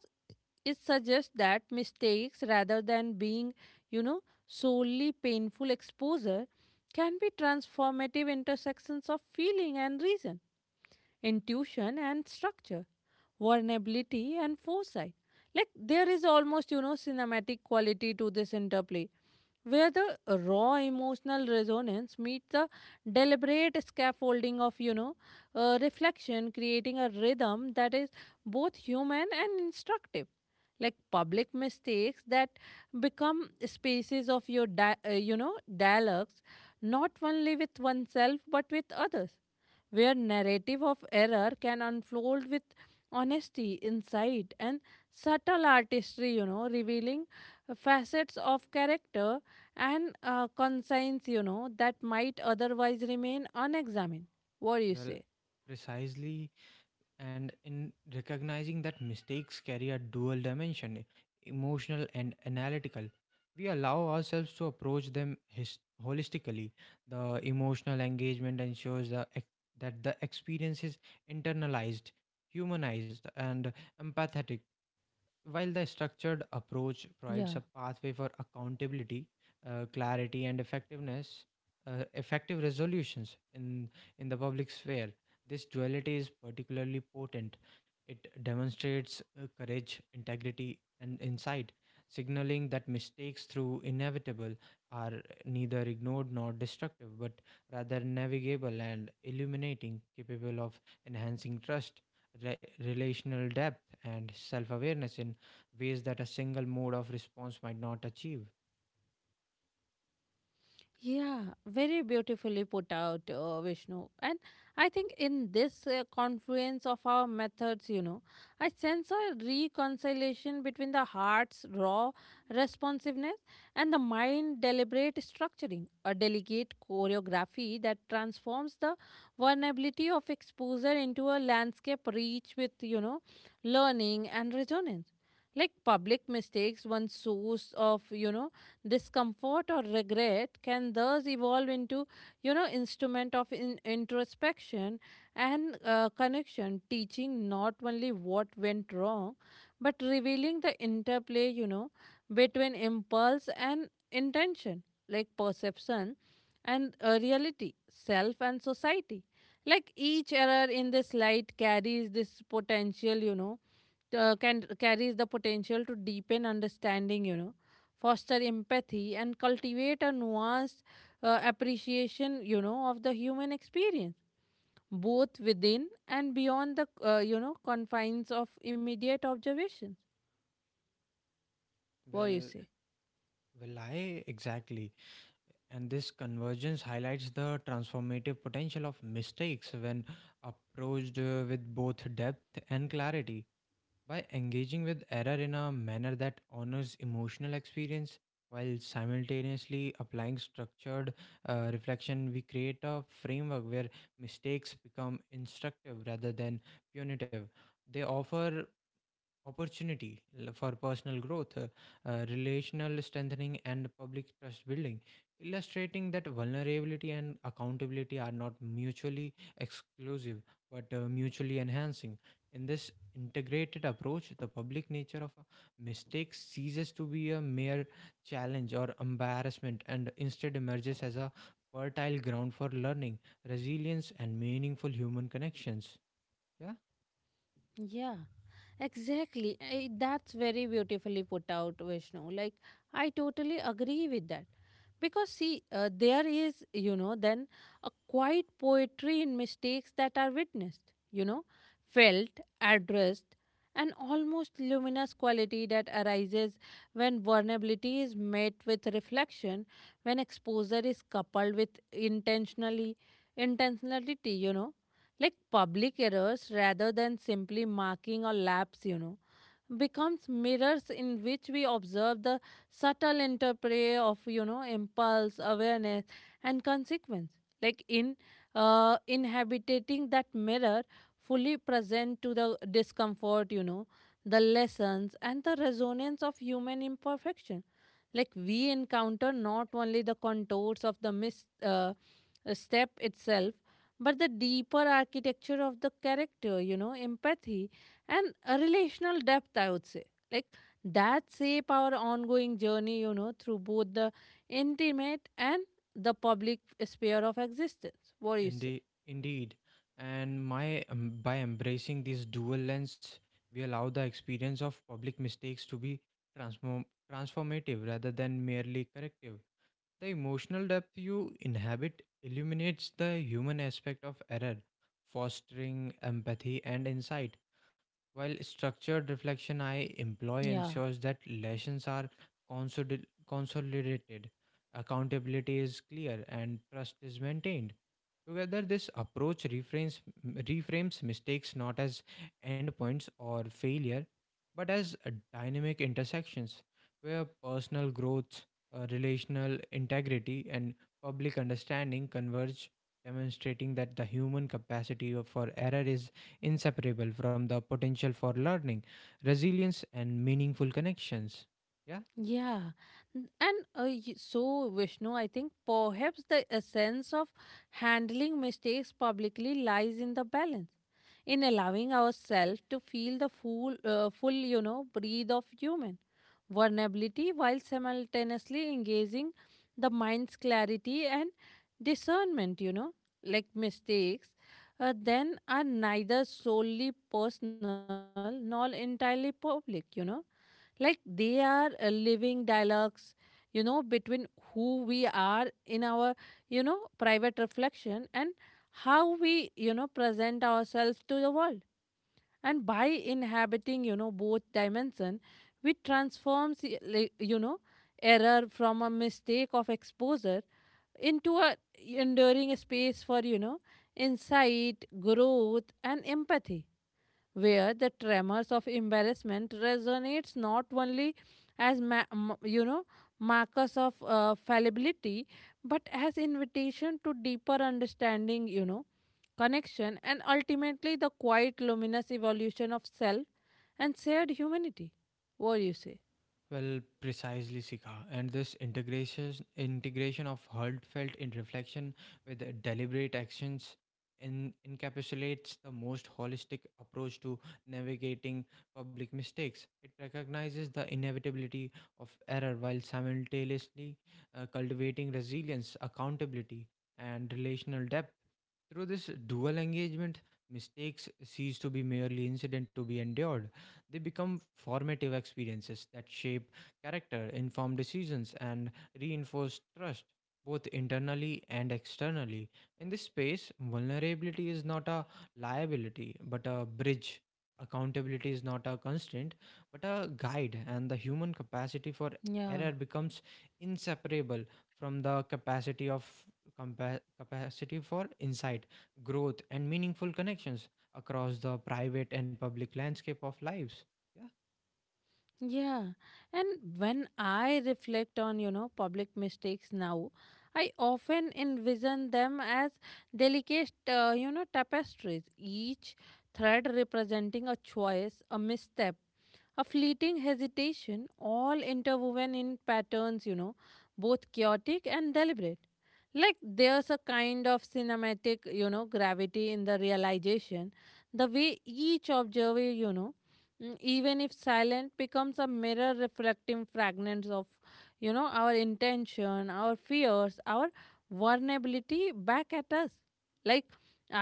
it suggests that mistakes, rather than being, you know, solely painful exposure, can be transformative intersections of feeling and reason, intuition and structure, vulnerability and foresight. Like there is almost, you know, cinematic quality to this interplay where the raw emotional resonance meets the deliberate scaffolding of, you know, uh, reflection, creating a rhythm that is both human and instructive. Like public mistakes that become spaces of your di- uh, you know, dialogues not only with oneself but with others, where narrative of error can unfold with honesty, insight, and subtle artistry, you know, revealing facets of character and uh, conscience, you know, that might otherwise remain unexamined. What do you
well,
say?
Precisely. And in recognizing that mistakes carry a dual dimension, emotional and analytical, we allow ourselves to approach them his- holistically. The emotional engagement ensures the ex- that the experience is internalized, humanized, and empathetic. While the structured
Yeah,
approach provides a pathway for accountability, uh, clarity, and effectiveness, uh, effective resolutions in, in the public sphere, this duality is particularly potent. It demonstrates uh, courage, integrity, and insight, signaling that mistakes, through inevitable, are neither ignored nor destructive, but rather navigable and illuminating, capable of enhancing trust, re- relational depth and self awareness in ways that a single mode of response might not achieve.
yeah, very beautifully put out, uh, Vishnu. And I think in this uh, confluence of our methods, you know, I sense a reconciliation between the heart's raw responsiveness and the mind deliberate structuring, a delicate choreography that transforms the vulnerability of exposure into a landscape rich with, you know, learning and resonance. Like public mistakes, one source of, you know, discomfort or regret can thus evolve into you know instrument of in- introspection and uh, connection, teaching not only what went wrong but revealing the interplay, you know between impulse and intention, like perception and uh, reality, self and society. Like each error in this light carries this potential, you know uh, can carries the potential to deepen understanding, you know foster empathy, and cultivate a nuanced uh, appreciation, you know of the human experience, both within and beyond the uh, you know confines of immediate observations. What do you
Well,
say?
well, I exactly. And this convergence highlights the transformative potential of mistakes when approached uh, with both depth and clarity. By engaging with error in a manner that honors emotional experience while simultaneously applying structured uh, reflection, we create a framework where mistakes become instructive rather than punitive. They offer opportunity l- for personal growth, uh, uh, relational strengthening, and public trust building, illustrating that vulnerability and accountability are not mutually exclusive but uh, mutually enhancing. In this integrated approach, the public nature of a mistake ceases to be a mere challenge or embarrassment and instead emerges as a fertile ground for learning, resilience, and meaningful human connections. Yeah.
Yeah, exactly. I, that's very beautifully put out, Vishnu. Like, I totally agree with that. Because, see, uh, there is, you know, then a quiet poetry in mistakes that are witnessed, you know, felt, addressed, an almost luminous quality that arises when vulnerability is met with reflection, when exposure is coupled with intentionally intentionality, you know. Like public errors, rather than simply marking or laps, you know becomes mirrors in which we observe the subtle interplay of, you know impulse, awareness, and consequence. Like in uh, Inhabiting that mirror fully, present to the discomfort, you know the lessons and the resonance of human imperfection, like we encounter not only the contours of the mis- uh, step itself, but the deeper architecture of the character, you know, empathy and a relational depth, I would say. Like that shape our ongoing journey, you know, through both the intimate and the public sphere of existence. What do you say?
Indeed, indeed. And my um, by embracing this dual lens, we allow the experience of public mistakes to be transform transformative rather than merely corrective. The emotional depth you inhabit illuminates the human aspect of error, fostering empathy and insight. While structured reflection I
Yeah.
employ ensures that lessons are consoli- consolidated, accountability is clear, and trust is maintained. Together, this approach reframes, reframes mistakes not as endpoints or failure, but as a dynamic intersections where personal growth, uh, relational integrity, and public understanding converge, demonstrating that the human capacity of- for error is inseparable from the potential for learning, resilience, and meaningful connections. Yeah.
Yeah, N- and uh, y- so Vishnu, I think perhaps the essence of handling mistakes publicly lies in the balance, in allowing ourselves to feel the full, uh, full, you know, breathe of human vulnerability while simultaneously engaging the mind's clarity and discernment. You know, like mistakes, uh, then are neither solely personal nor entirely public. You know, like they are uh, living dialogues, you know between who we are in our, you know private reflection, and how we, you know present ourselves to the world. And by inhabiting, you know both dimension, we transforms y- like, you know, error from a mistake of exposure into a enduring space for, you know insight, growth and empathy, where the tremors of embarrassment resonates not only as ma- m- you know markers of uh, fallibility, but as invitation to deeper understanding, you know connection, and ultimately the quiet luminous evolution of self and shared humanity. What do you say?
Well, precisely, Sika. And this integration integration of heartfelt in reflection with the deliberate actions in, encapsulates the most holistic approach to navigating public mistakes. It recognizes the inevitability of error while simultaneously uh, cultivating resilience, accountability, and relational depth. Through this dual engagement, mistakes cease to be merely incident to be endured. They become formative experiences that shape character, inform decisions, and reinforce trust, both internally and externally. In this space, vulnerability is not a liability, but a bridge. Accountability is not a constraint, but a guide, and the human capacity for
Yeah.
error becomes inseparable from the capacity of compa- capacity for insight, growth, and meaningful connections across the private and public landscape of lives. Yeah.
Yeah, and when I reflect on, you know, public mistakes now, I often envision them as delicate, uh, you know, tapestries, each thread representing a choice, a misstep, a fleeting hesitation, all interwoven in patterns, you know, both chaotic and deliberate. Like there's a kind of cinematic, you know, gravity in the realization, the way each observer, you know, mm, even if silent, becomes a mirror reflecting fragments of, you know our intention, our fears, our vulnerability back at us. Like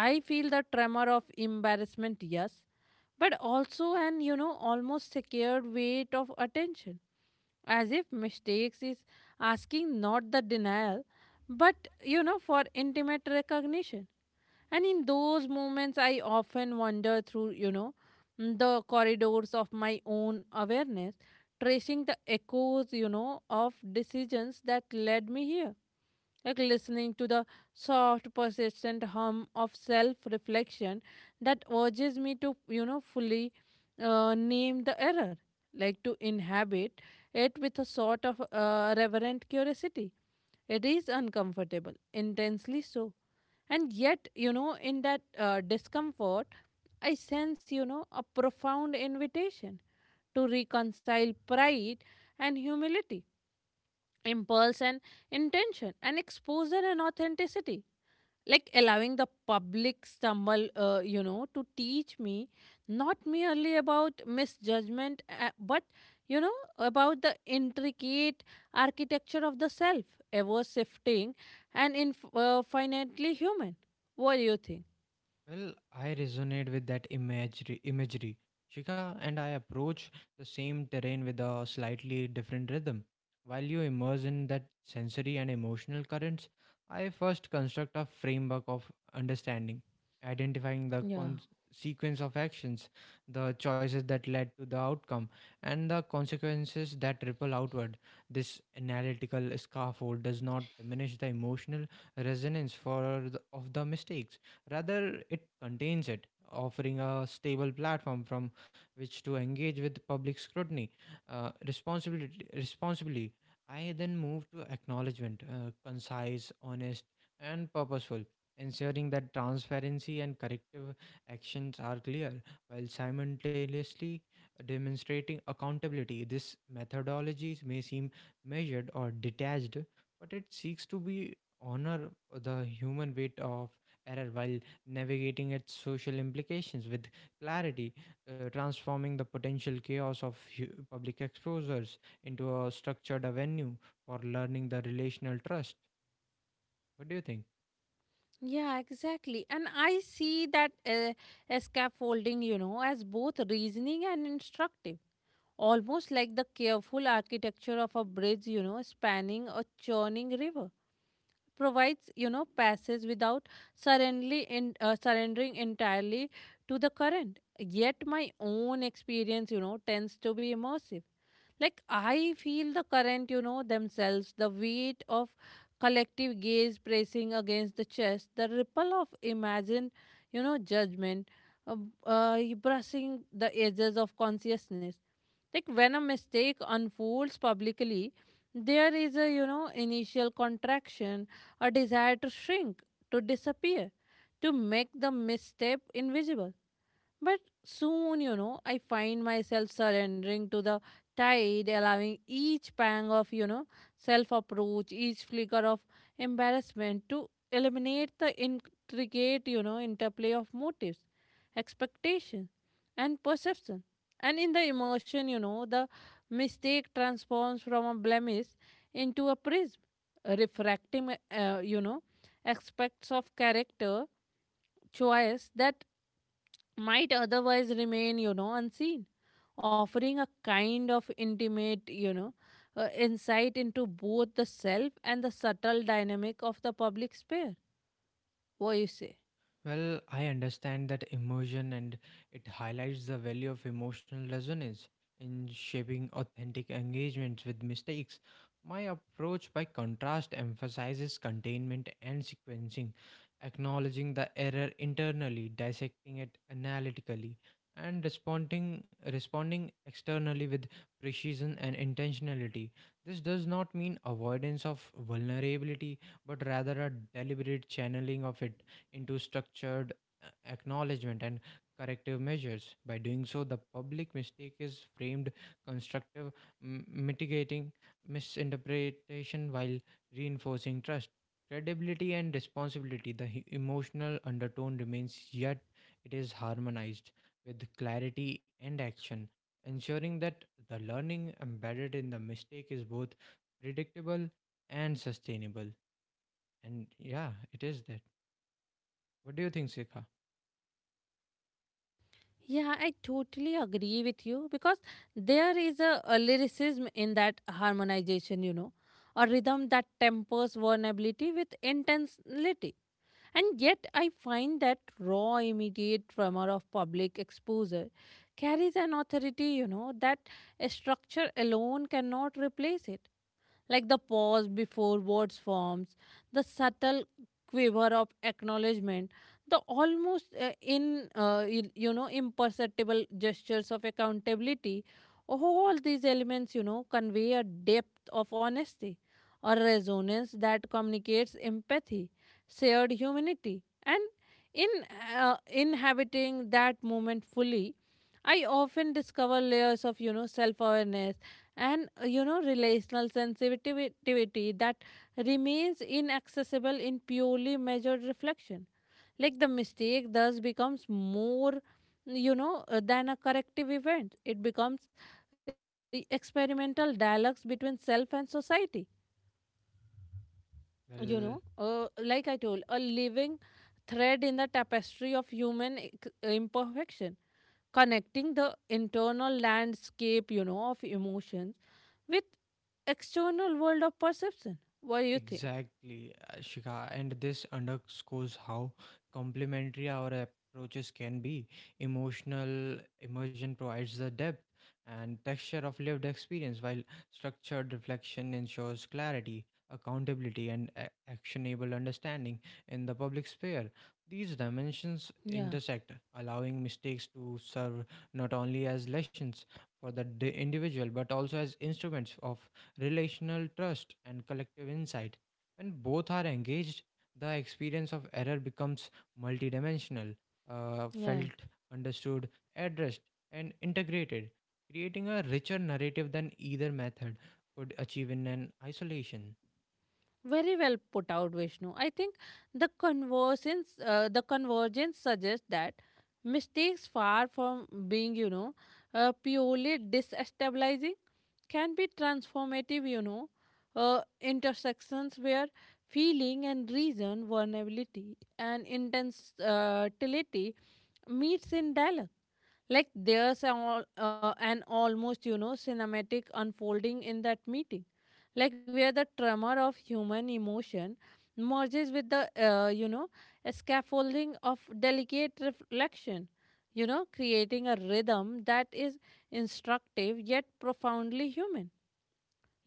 I feel the tremor of embarrassment, yes, but also an, you know almost secured weight of attention, as if mistakes is asking not the denial, but, you know for intimate recognition. And in those moments, I often wander through, you know, the corridors of my own awareness, tracing the echoes, you know, of decisions that led me here. Like listening to the soft, persistent hum of self reflection that urges me to, you know, fully uh, name the error, like to inhabit it with a sort of uh, reverent curiosity. It is uncomfortable, intensely so. And yet, you know, in that uh, discomfort, I sense, you know, a profound invitation to reconcile pride and humility, impulse and intention, and exposure and authenticity, like allowing the public stumble, uh, you know to teach me not merely about misjudgment, uh, but, you know about the intricate architecture of the self, ever shifting and inf- uh, finitely human. What do you think?
Well, I resonate with that imagery, imagery, Shika, and I approach the same terrain with a slightly different rhythm. While you immerse in that sensory and emotional currents, I first construct a framework of understanding, identifying the
Yeah.
con- sequence of actions, the choices that led to the outcome, and the consequences that ripple outward. This analytical scaffold does not diminish the emotional resonance for the, of the mistakes. Rather, it contains it, offering a stable platform from which to engage with public scrutiny uh, responsibility, responsibly. I then move to acknowledgement, uh, concise, honest, and purposeful, ensuring that transparency and corrective actions are clear while simultaneously demonstrating accountability. This methodology may seem measured or detached, but it seeks to be honor the human weight of error while navigating its social implications with clarity, uh, transforming the potential chaos of hu- public exposures into a structured avenue for learning the relational trust. What do you think?
Yeah, exactly. And I see that uh, scaffolding, you know, as both reasoning and instructive. Almost like the careful architecture of a bridge, you know, spanning a churning river. Provides, you know, passage without suddenly in, uh, surrendering entirely to the current. Yet my own experience, you know, tends to be immersive. Like I feel the current, you know, themselves, the weight of collective gaze pressing against the chest, the ripple of imagined, you know, judgment, uh, uh, brushing the edges of consciousness. Like when a mistake unfolds publicly, there is a, you know initial contraction, a desire to shrink, to disappear, to make the misstep invisible. But soon, you know, I find myself surrendering to the tide, allowing each pang of, you know, self approach, each flicker of embarrassment to eliminate the intricate, you know, interplay of motives, expectation, and perception. And in the emotion, you know, the mistake transforms from a blemish into a prism, refracting, uh, you know, aspects of character, choice that might otherwise remain, you know, unseen, offering a kind of intimate, you know, uh, insight into both the self and the subtle dynamic of the public sphere. What you say?
Well, I understand that immersion and it highlights the value of emotional resonance in shaping authentic engagements with mistakes. My approach, by contrast, emphasizes containment and sequencing, acknowledging the error internally, dissecting it analytically, and responding, responding externally with precision and intentionality. This does not mean avoidance of vulnerability, but rather a deliberate channeling of it into structured uh, acknowledgement and corrective measures. By doing so, the public mistake is framed constructive, m- mitigating misinterpretation while reinforcing trust. Credibility and responsibility, the he- emotional undertone remains, yet it is harmonized with clarity and action, ensuring that the learning embedded in the mistake is both predictable and sustainable. And yeah, it is that. What do you think, Sikha?
Yeah, I totally agree with you, because there is a, a lyricism in that harmonization, you know, a rhythm that tempers vulnerability with intensity. And yet, I find that raw, immediate tremor of public exposure carries an authority, you know, that a structure alone cannot replace it. Like the pause before words forms, the subtle quiver of acknowledgement, the almost uh, in uh, you, you know, imperceptible gestures of accountability. All these elements, you know, convey a depth of honesty, a resonance that communicates empathy, shared humanity, and in uh, inhabiting that moment fully, I often discover layers of, you know, self-awareness and, uh, you know, relational sensitivity that remains inaccessible in purely measured reflection. Like the mistake thus becomes more, you know, uh, than a corrective event. It becomes uh, experimental dialogues between self and society, you know
Well,
uh, like I told, a living thread in the tapestry of human ex- imperfection, connecting the internal landscape, you know of emotions, with external world of perception. What do you think?
exactly, uh, Shika. And this underscores how complementary our approaches can be. Emotional immersion provides the depth and texture of lived experience, while structured reflection ensures clarity, accountability, and a- actionable understanding in the public sphere. These dimensions
Yeah.
intersect, allowing mistakes to serve not only as lessons for the di- individual but also as instruments of relational trust, and collective insight. When both are engaged, the experience of error becomes multidimensional, uh,
Yeah,
felt, understood, addressed, and integrated, creating a richer narrative than either method could achieve in an isolation.
very well put out, Vishnu. I think the convergence, uh, the convergence suggests that mistakes, far from being, you know, uh, purely destabilizing, can be transformative. You know, uh, intersections where feeling and reason, vulnerability and intensity meets in dialogue. Like there's an, al- uh, an almost, you know, cinematic unfolding in that meeting, like where the tremor of human emotion merges with the uh, you know scaffolding of delicate reflection, you know creating a rhythm that is instructive yet profoundly human,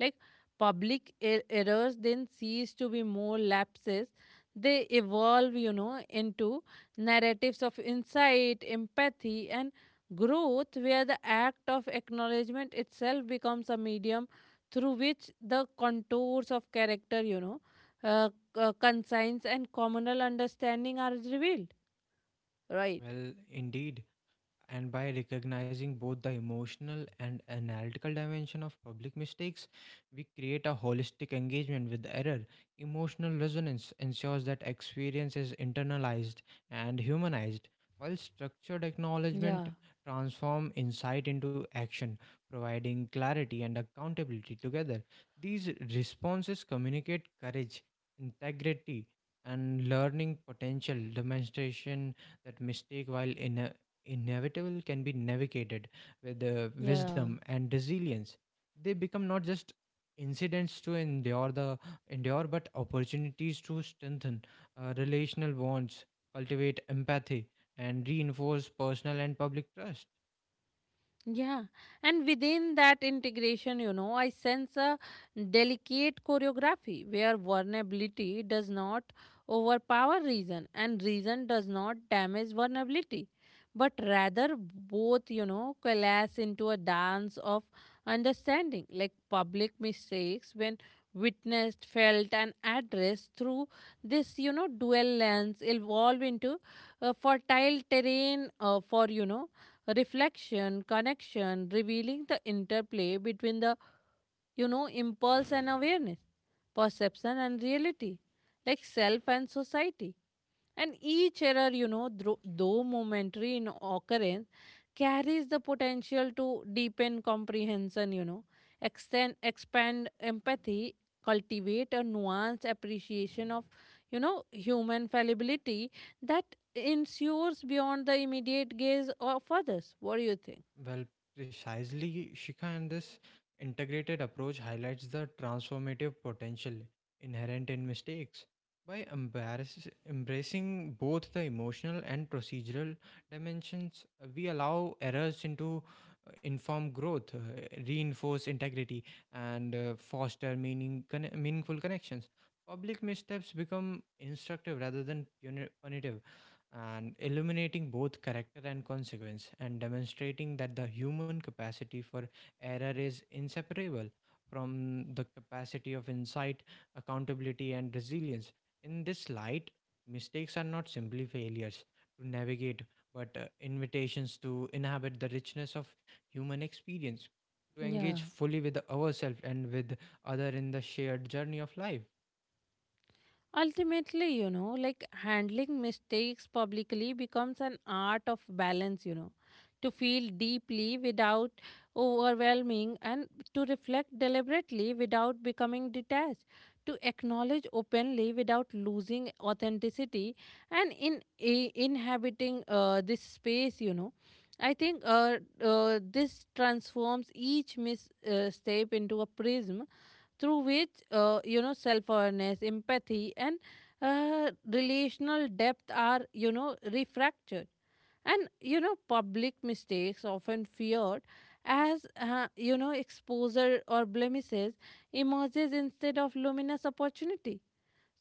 like public er- errors then cease to be more lapses. They evolve, you know, into narratives of insight, empathy, and growth, where the act of acknowledgement itself becomes a medium through which the contours of character, you know, uh, c- uh, conscience and communal understanding are revealed. Right.
Well, indeed, and by recognizing both the emotional and analytical dimension of public mistakes, we create a holistic engagement with error. Emotional resonance ensures that experience is internalized and humanized, while structured
Yeah.
acknowledgement transform insight into action, providing clarity and accountability together. These responses communicate courage, integrity, and learning potential demonstration that mistake while in inevitable can be navigated with uh,
Yeah.
wisdom and resilience. They become not just incidents to endure the endure but opportunities to strengthen uh, relational bonds, cultivate empathy and reinforce personal and public trust.
Yeah, and within that integration, you know, I sense a delicate choreography where vulnerability does not overpower reason and reason does not damage vulnerability, but rather both, you know, coalesce into a dance of understanding. Like public mistakes, when witnessed, felt, and addressed through this, you know, dual lens, evolve into a fertile terrain uh, for, you know, reflection, connection, revealing the interplay between the, you know, impulse and awareness, perception and reality, like self and society. And each error, you know, thro- though momentary in occurrence, carries the potential to deepen comprehension, you know, extend, expand empathy, cultivate a nuanced appreciation of, you know, human fallibility, that ensures beyond the immediate gaze of others. What do you think?
Well, precisely, Shika, and this integrated approach highlights the transformative potential inherent in mistakes. By embarrass- embracing both the emotional and procedural dimensions, uh, we allow errors into uh, informed growth, uh, reinforce integrity, and uh, foster meaning conne- meaningful connections. Public missteps become instructive rather than puni- punitive and illuminating both character and consequence and demonstrating that the human capacity for error is inseparable from the capacity of insight, accountability, and resilience. In this light, mistakes are not simply failures to navigate, but uh, invitations to inhabit the richness of human experience, to engage
Yeah.
fully with ourselves and with other in the shared journey of life.
Ultimately, you know, like handling mistakes publicly becomes an art of balance, you know, to feel deeply without overwhelming, and to reflect deliberately without becoming detached, to acknowledge openly without losing authenticity. And in i- inhabiting uh, this space, you know. I think uh, uh, this transforms each misstep uh, step into a prism through which, uh, you know self-awareness, empathy, and uh, relational depth are, you know refractured. And, you know public mistakes, often feared as, uh, you know exposure or blemishes, emerges instead of luminous opportunity.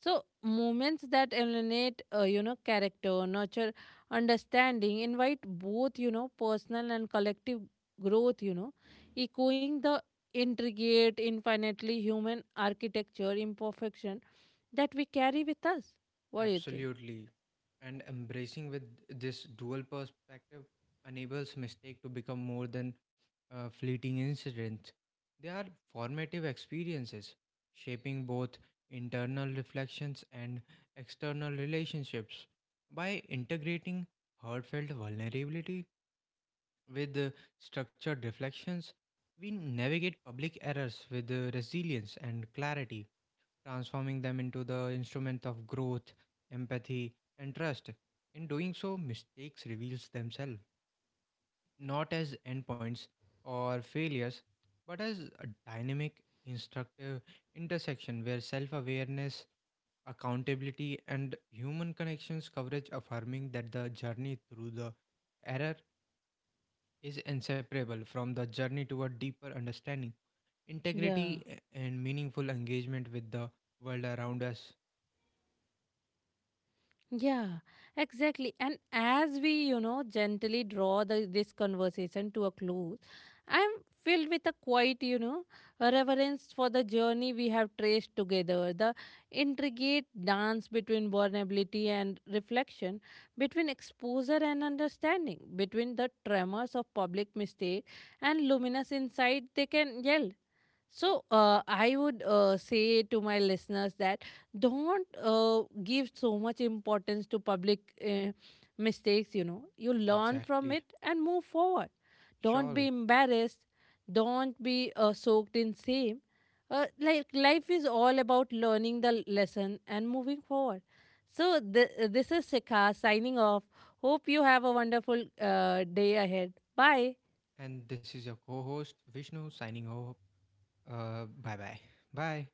So, moments that eliminate, uh, you know, character, nurture understanding, invite both, you know, personal and collective growth, you know, echoing the intricate, infinitely human architecture, imperfection that we carry with us. What do you think?
Absolutely. And embracing with this dual perspective enables mistake to become more than uh, fleeting incidents. They are formative experiences, shaping both internal reflections and external relationships. By integrating heartfelt vulnerability with uh, structured reflections, we navigate public errors with uh, resilience and clarity, transforming them into the instrument of growth, empathy, and trust. In doing so, mistakes reveals themselves not as endpoints or failures, but as a dynamic, instructive intersection where self-awareness, accountability, and human connections coverage affirming that the journey through the error is inseparable from the journey toward deeper understanding,
Yeah.
integrity, and meaningful engagement with the world around us.
Yeah, exactly. And as we, you know, gently draw the, this conversation to a close, I'm filled with a quiet, you know, a reverence for the journey we have traced together, the intricate dance between vulnerability and reflection, between exposure and understanding, between the tremors of public mistake and luminous insight they can yell. So uh, I would uh, say to my listeners that don't uh, give so much importance to public uh, mistakes. You know, you learn from
Exactly.
it and move forward. Don't be
Sure.
embarrassed. Don't be uh, soaked in shame. Uh, like life is all about learning the lesson and moving forward. So th- this is Shikha signing off. Hope you have a wonderful uh, day ahead. Bye.
And this is your co host, Vishnu, signing off. Uh, bye bye. Bye.